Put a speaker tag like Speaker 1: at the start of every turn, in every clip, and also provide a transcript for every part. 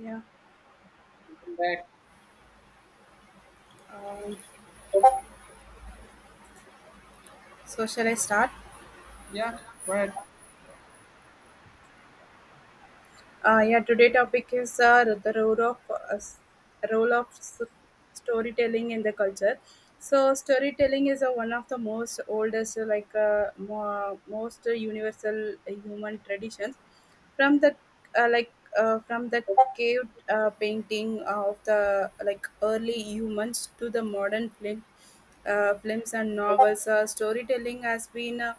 Speaker 1: Yeah.
Speaker 2: That,
Speaker 1: Um, so shall I start?
Speaker 2: yeah, right,
Speaker 1: Yeah. Today topic is the role of role of s- storytelling in the culture. So storytelling is one of the most oldest, most universal human traditions. from the uh, like from the cave painting of the like early humans to the modern films and novels, storytelling uh,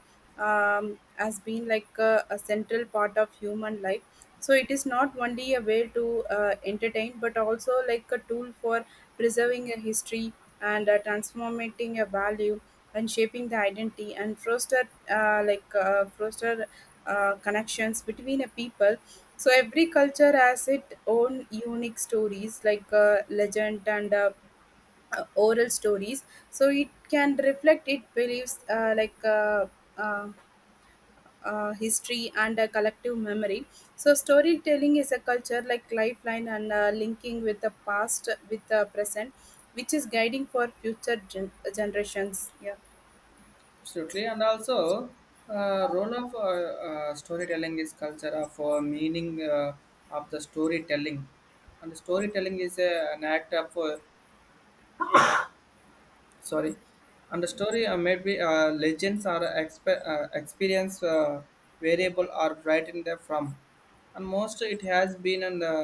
Speaker 1: um, has been like a central part of human life. So it is not only a way to entertain but also like a tool for preserving a history, and transforming a value, and shaping the identity, and foster connections between a people. So every culture has its own unique stories like legend and oral stories, so it can reflect it beliefs uh, history and a collective memory. So storytelling is a culture like lifeline and linking with the past with the present, which is guiding for future generations, yeah.
Speaker 2: absolutely. And also, role of storytelling is culture of meaning of the storytelling, and storytelling is an act of sorry and the story maybe legends or experience variable are right in there from and most it has been in the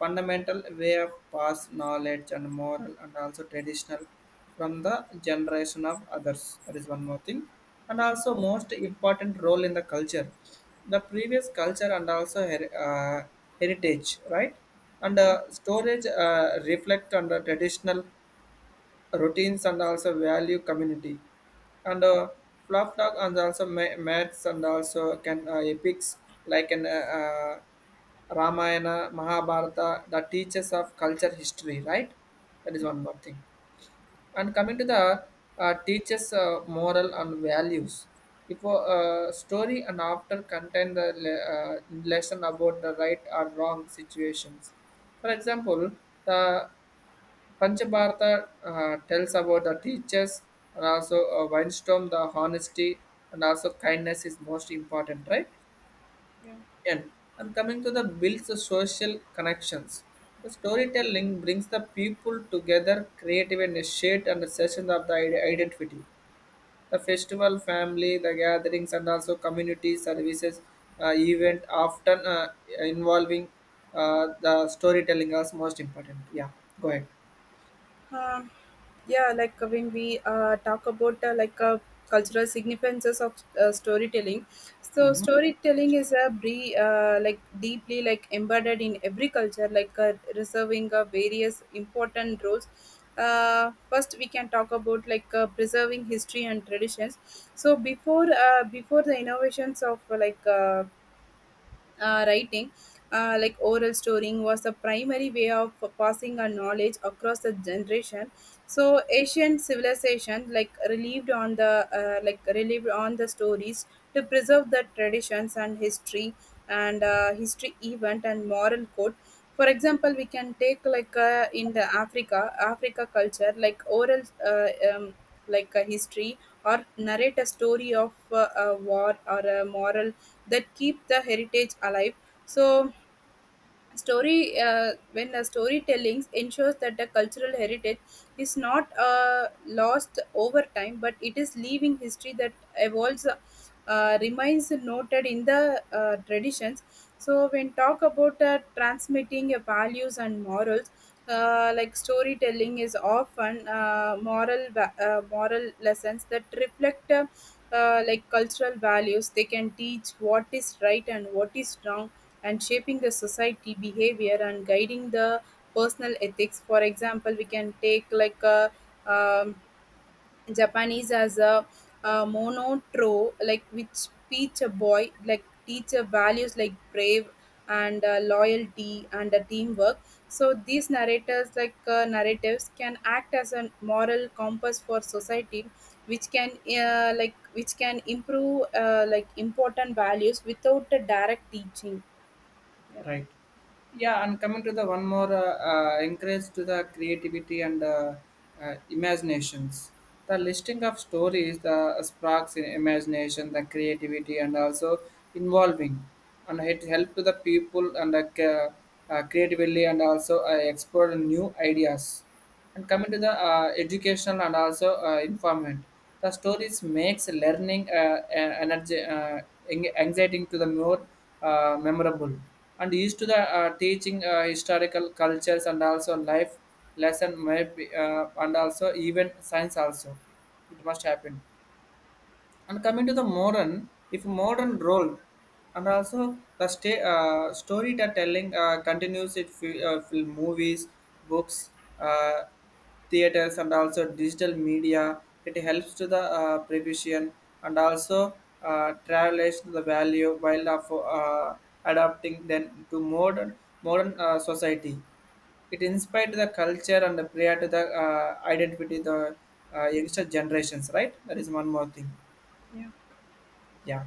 Speaker 2: fundamental way of past knowledge and moral and also traditional from the generation of others. That is one more thing, and also most important role in the culture, the previous culture and also heritage, right? And storage reflect on the traditional routines and also value community, and flop dog and also maths and also can epics like an ramayana mahabharata, the teachers of culture history, right? That is one more thing. And coming to the teachers moral and values, if a story and after contain the lesson about the right or wrong situations. For example, the Panchabharata tells about the teachers and also Winstorm, the honesty and also kindness is most important, right?
Speaker 1: Yeah.
Speaker 2: And, and coming to the builds the social connections. The storytelling brings the people together, creative and shared understanding of the identity. The festival, family, the gatherings, and also community services event often involving the storytelling as most important. Yeah, go ahead.
Speaker 1: Um, when we talk about cultural significances of storytelling, so storytelling is a like deeply like embedded in every culture, like reserving various important roles. First, we can talk about like preserving history and traditions. So before the innovations of writing, like oral storing, was the primary way of passing our knowledge across the generation. So ancient civilization like relieved on the stories to preserve the traditions and history, and history event and moral code. For example, we can take like in the Africa culture like oral um, like a history, or narrate a story of a war or a moral that keep the heritage alive. So story when the storytelling ensures that the cultural heritage is not lost over time, but it is living history that evolves, remains noted in the traditions. So when talk about transmitting values and morals, like storytelling is often moral lessons that reflect like cultural values. They can teach what is right and what is wrong, and shaping the society behavior and guiding the personal ethics. For example, we can take like a, um, Japanese as a monotro, like which teach a boy, like teach a values like brave and loyalty and teamwork. So these narrators, like narratives, can act as a moral compass for society, which can which can improve like important values without a direct teaching.
Speaker 2: Right. Yeah, and coming to the one more encourage to the creativity and imaginations. The listing of stories, the sparks in imagination, the creativity, and also involving, and it help to the people and creatively and also explore new ideas. And coming to the educational and also informant, the stories makes learning anxiety to the more memorable and used to the teaching historical cultures and also life lesson, maybe and also even science also, it must happen. And coming to the modern, if modern role, and also the story that telling continues it film movies, books, uh, theaters and also digital media. It helps to the prevision and also travelers to the value while of adapting then to modern modern society. It inspired the culture and the prayer to the identity, the youngster generations, right? That is one more thing.
Speaker 1: Yeah.
Speaker 2: Yeah,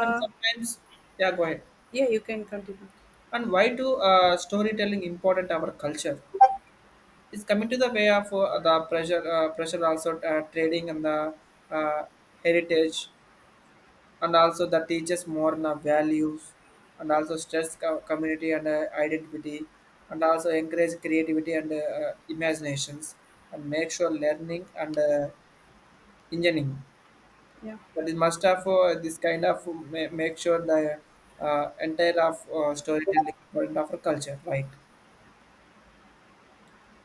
Speaker 2: and sometimes, yeah, go ahead.
Speaker 1: yeah, you can continue.
Speaker 2: And why do storytelling important our culture? It's coming to the way of the pressure, pressure also trading and the uh, heritage, and also the teaches more the values, and also stress community and identity, and also encourage creativity and imaginations, and make sure learning and engineering.
Speaker 1: Yeah.
Speaker 2: But it must have this kind of make sure the entire of storytelling part of our culture, right?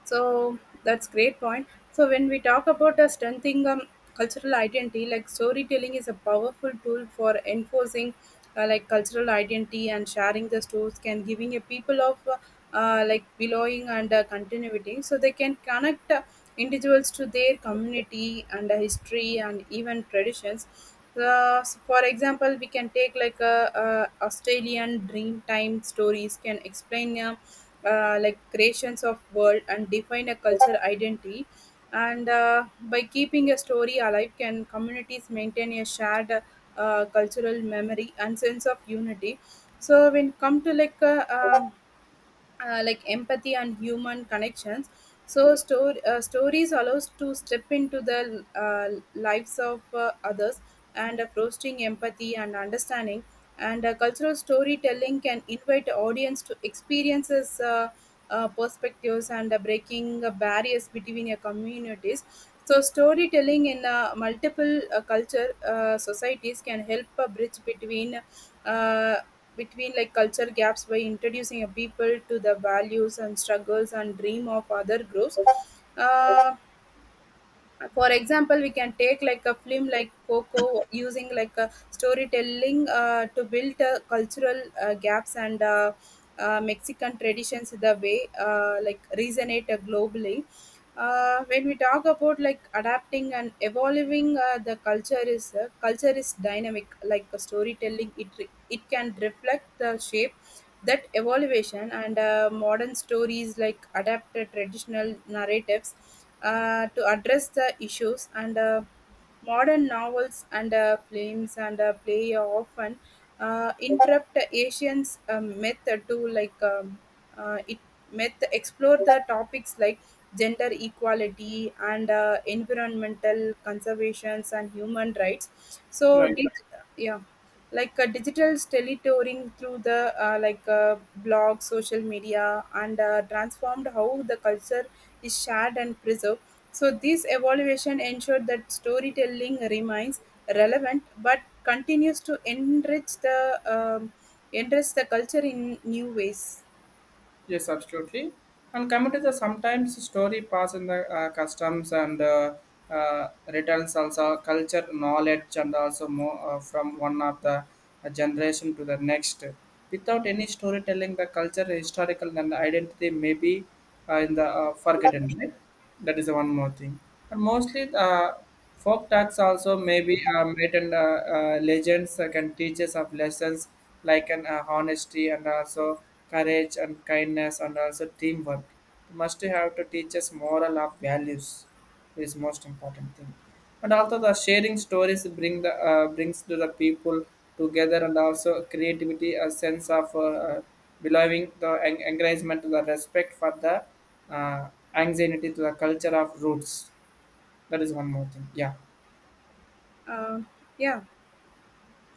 Speaker 1: So that's great point. So when we talk about strengthening cultural identity, like storytelling is a powerful tool for enforcing like cultural identity, and sharing the stories can giving a people of like belonging and continuity. So they can connect individuals to their community, and history and even traditions. So for example, we can take like a, Australian Dreamtime stories can explain like creations of world and define a culture identity. And by keeping a story alive, can communities maintain a shared cultural memory and sense of unity. So when come to like empathy and human connections. So stories allows to step into the lives of others, and fostering empathy and understanding. And cultural storytelling can invite audience to experiences, perspectives, and breaking barriers between your communities. So storytelling in multiple culture societies can help a bridge between uh, between like culture gaps, by introducing a people to the values and struggles and dream of other groups. uh, for example, we can take like a film like Coco, using like a storytelling to build cultural gaps, and Mexican traditions, the way like resonate globally. When we talk about like adapting and evolving the culture is, culture is dynamic, like a storytelling, it it can reflect the shape that evaluation. And modern stories like adapted traditional narratives to address the issues, and modern novels and films and play often interrupt asians method to like it myth explore the topics like gender equality and environmental conservations and human rights, so
Speaker 2: Right.
Speaker 1: did. Yeah. Like a digital teletouring through the blog social media, and transformed how the culture is shared and preserved. So this evaluation ensured that storytelling remains relevant, but continues to um, enrich the culture in new ways.
Speaker 2: Yes, absolutely. And coming to the sometimes story pass in the customs and returns also culture knowledge and also more from one of the generation to the next. Without any storytelling, the culture, historical, and identity may be in the forgotten, right? That is the one more thing. And mostly, folk tales also may be myth and legends that can teach us of lessons like an honesty and also courage and kindness and also teamwork. It must have to teach us moral of values. It is most important thing, and also the sharing stories bring the brings to the people together and also creativity a sense of uh, belonging, the encouragement, the respect for the anxiety to the culture of roots. That is one more thing. Yeah.
Speaker 1: uh, yeah.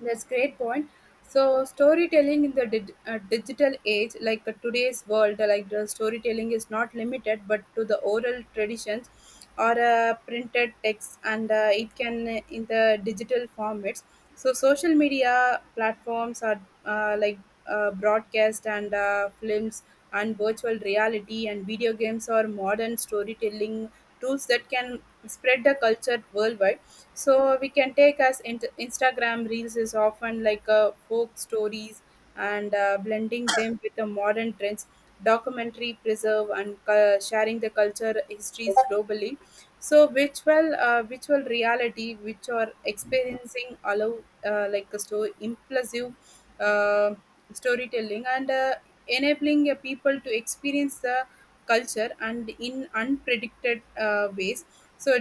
Speaker 1: That's great point. So storytelling in the digital age, like today's world, like the storytelling is not limited but to the oral traditions or printed text, and it can in the digital formats. So social media platforms are broadcast and films, and virtual reality and video games, or modern storytelling tools that can spread the culture worldwide. So we can take as Instagram reels is often like a folk stories, and blending them with the modern trends. Documentary preserve and sharing the culture histories globally. So virtual reality which are experiencing, allow like a so impressive uh, storytelling, and enabling people to experience the culture and in unpredicted ways. So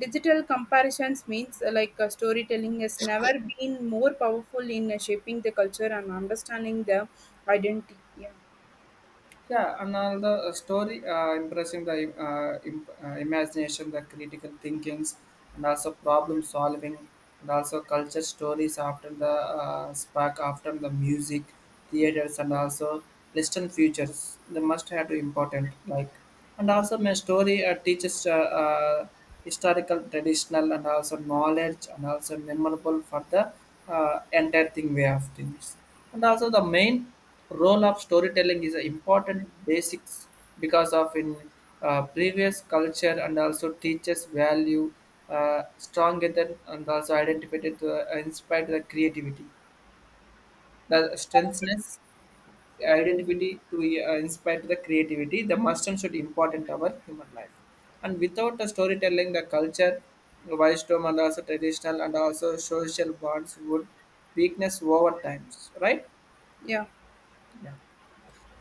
Speaker 1: digital comparisons means storytelling has never been more powerful in shaping the culture and understanding the identity, yeah.
Speaker 2: Yeah, and all the story impressing the imagination, the critical thinkings, and also problem solving, and also culture stories after the spark after the music, theaters, and also Western futures. They must have to important like, and also my story teaches historical traditional and also knowledge and also memorable for the entire thing way of things. And also the main role of storytelling is an important basics because of in previous culture and also teaches value stronger than and also identified to inspire the creativity, the strengthness identity to inspire the creativity, the must and should important our human life. And without the storytelling, the culture wisdom and also traditional and also social bonds would weakness over times, right?
Speaker 1: Yeah.
Speaker 2: Yeah,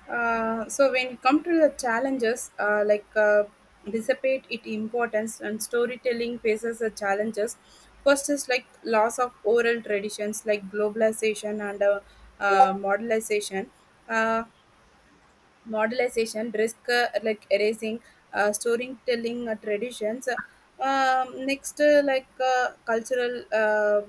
Speaker 1: So when it come to the challenges, dissipate its importance and storytelling faces the challenges. First is like loss of oral traditions, like globalization and modernization, uh, modelization, risk like erasing storytelling traditions. Next,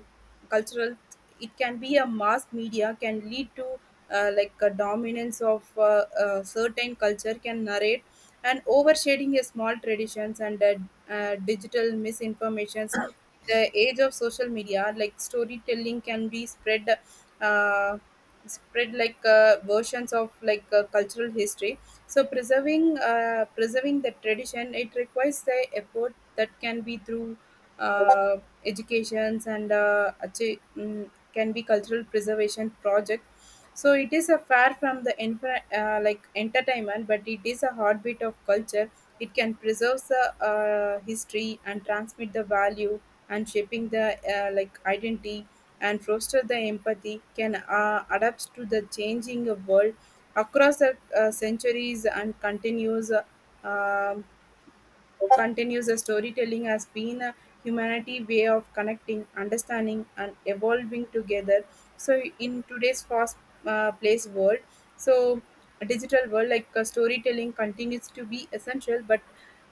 Speaker 1: cultural, it can be a mass media can lead to like a dominance of certain culture can narrate and overshading a small traditions, and digital misinformations. The age of social media, like storytelling, can be spread. Uh, Spread like versions of like cultural history. So preserving the tradition, it requires the effort that can be through uh, educations and can be cultural preservation project. So it is a far from the infra, like entertainment, but it is a heartbeat of culture. It can preserve the history and transmit the value, and shaping the like identity, and foster the empathy, can adapt to the changing world across the centuries. And um, continues the storytelling has been a humanity way of connecting, understanding and evolving together. So in today's fast place world, so a digital world, like storytelling continues to be essential, but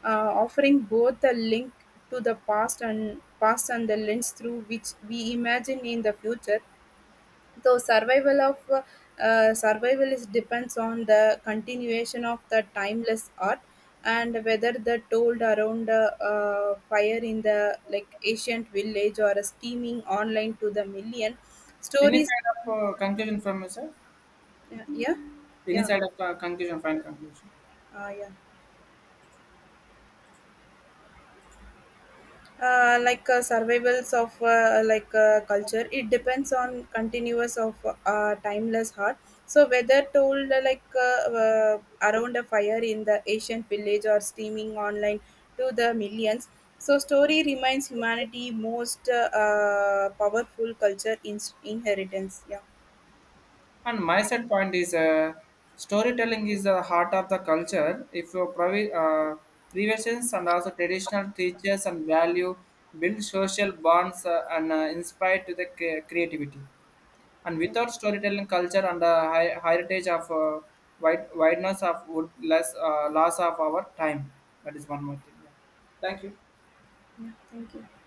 Speaker 1: offering both the link to the past and the lens through which we imagine in the future. Though survival is depends on the continuation of the timeless art, and whether the told around a fire in the like ancient village, or a steaming online to the million
Speaker 2: any
Speaker 1: stories.
Speaker 2: side of conclusion from you sir?
Speaker 1: Yeah. Yeah.
Speaker 2: Any
Speaker 1: yeah,
Speaker 2: side of conclusion, final conclusion?
Speaker 1: yeah. Survivals of culture, it depends on continuous of timeless heart. So whether told around a fire in the ancient village, or streaming online to the millions. So story reminds humanity most powerful culture inheritance, yeah.
Speaker 2: And my set point is storytelling is the heart of the culture. If your previous and also traditional teachers and value build social bonds and inspire to the creativity. And
Speaker 1: Yeah.
Speaker 2: without storytelling culture and the heritage of wide- wideness of would less loss of our time. That is one more thing. Yeah. Thank you.
Speaker 1: Yeah, thank you.